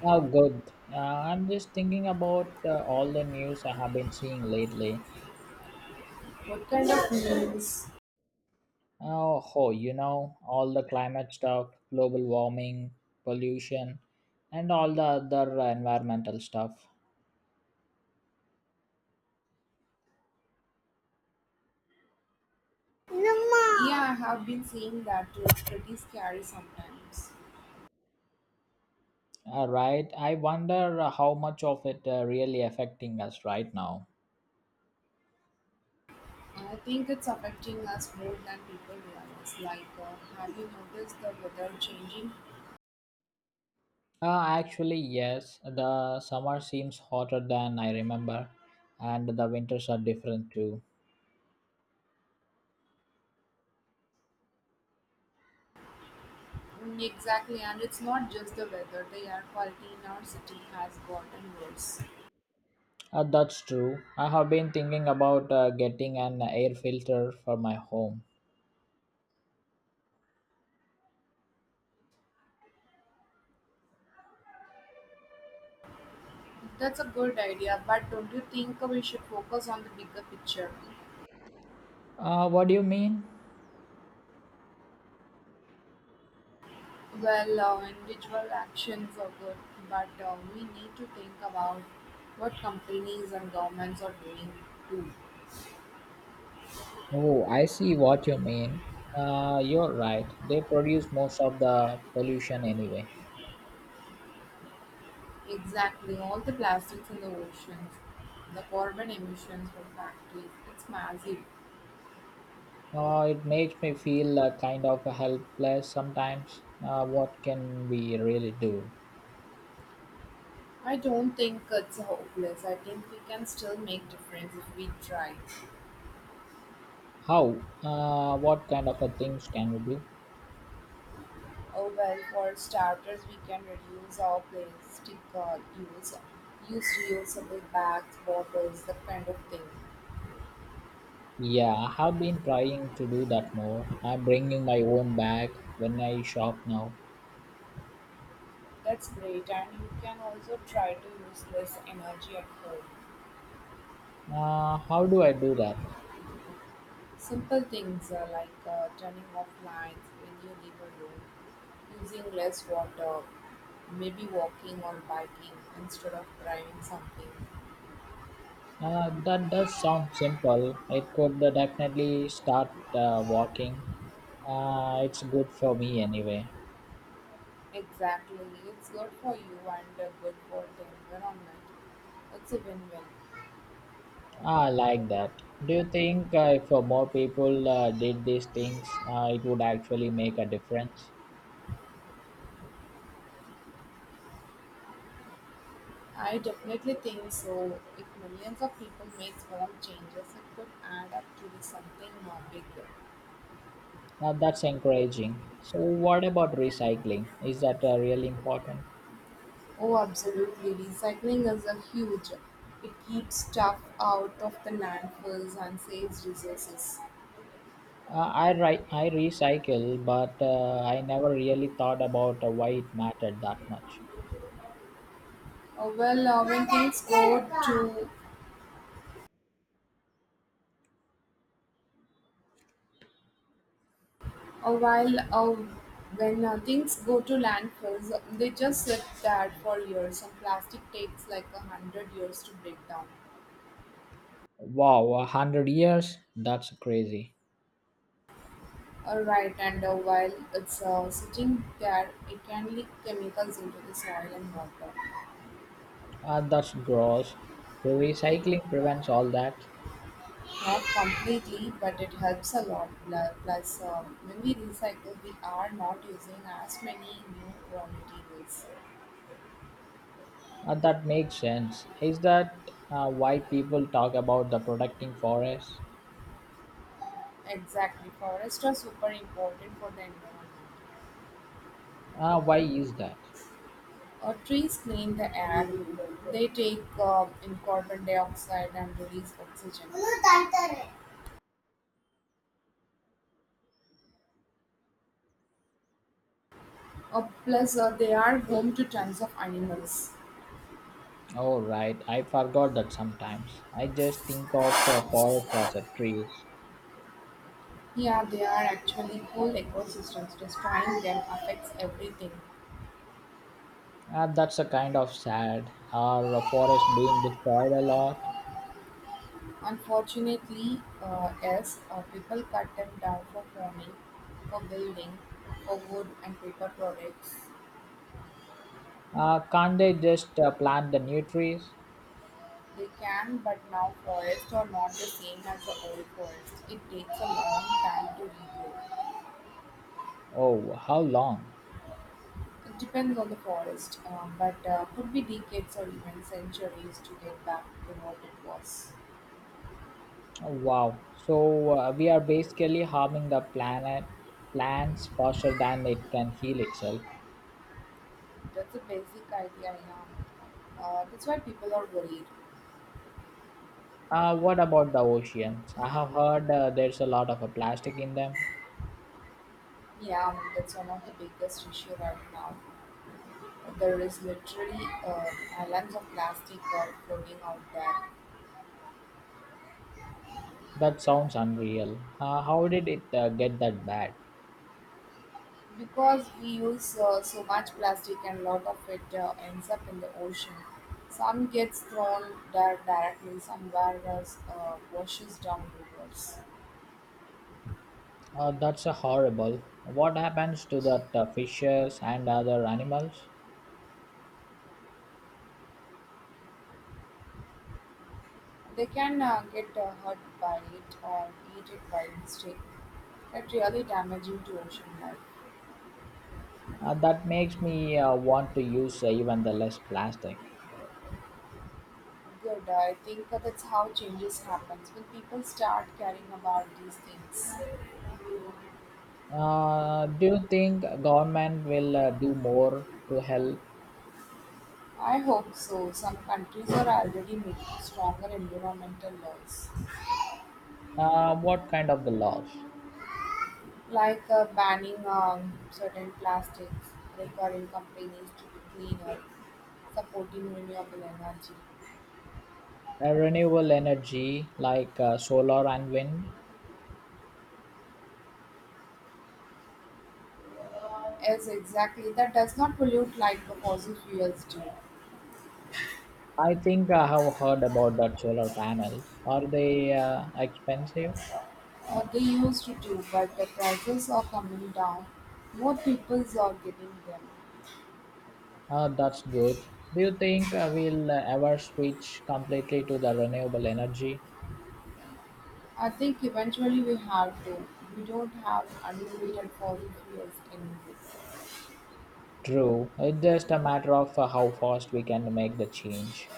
Oh, good. I'm just thinking about all the news I have been seeing lately. Oh, ho, you know, all the climate stuff, global warming, pollution, and all the other environmental stuff. Right? I wonder how much of it really affecting us right now. Actually, yes, the summer seems hotter than I remember, and the winters are different too. That's true. I have been thinking about getting an air filter for my home. What do you mean? Oh, I see what you mean. You're right. They produce most of the pollution anyway. It makes me feel kind of helpless sometimes. What can we really do? How? What kind of things can we do? Yeah, I have been trying to do that more. I'm bringing my own bag when I shop now. How do I do that? That does sound simple. It could definitely start walking. It's good for me anyway. I like that. Do you think if more people did these things, it would actually make a difference? Now that's encouraging. So what about recycling? Is that really important? I recycle, but I never really thought about why it mattered that much. Wow, 100 years? That's crazy. That's gross. So recycling prevents all that. That makes sense. Is that why people talk about the protecting forests? Why is that? Oh, right. I forgot that sometimes. I just think of forest as a trees. That's a kind of sad. Are forests being destroyed a lot? Can't they just plant the new trees? Oh, how long? Oh, wow. So we are basically harming the planet, plants faster than it can heal itself. What about the oceans? I have heard there's a lot of plastic in them. That sounds unreal. How did it get that bad? That's horrible. What happens to that fishes and other animals? That makes me want to use even the less plastic. Do you think government will do more to help? What kind of the laws? Renewable energy like solar and wind. I think I have heard about that solar panels. Are they expensive? That's good. Do you think we'll ever switch completely to the renewable energy? True. It's just a matter of how fast we can make the change.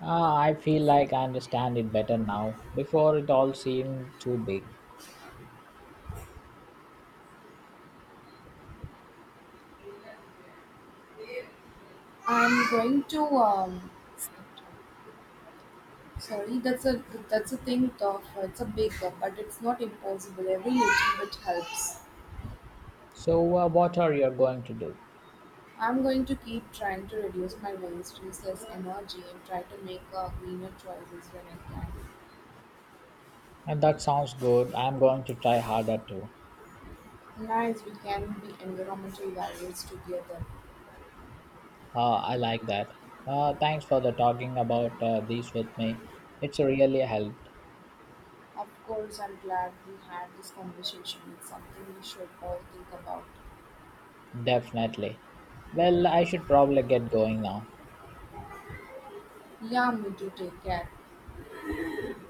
I feel like I understand it better now. Before it all seemed too big. So, what are you going to do? And that sounds good. I'm going to try harder too. I like that. Thanks for the talking about these with me. It's really helped. Definitely. Well, I should probably get going now.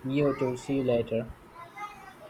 You too. See you later. Yeah,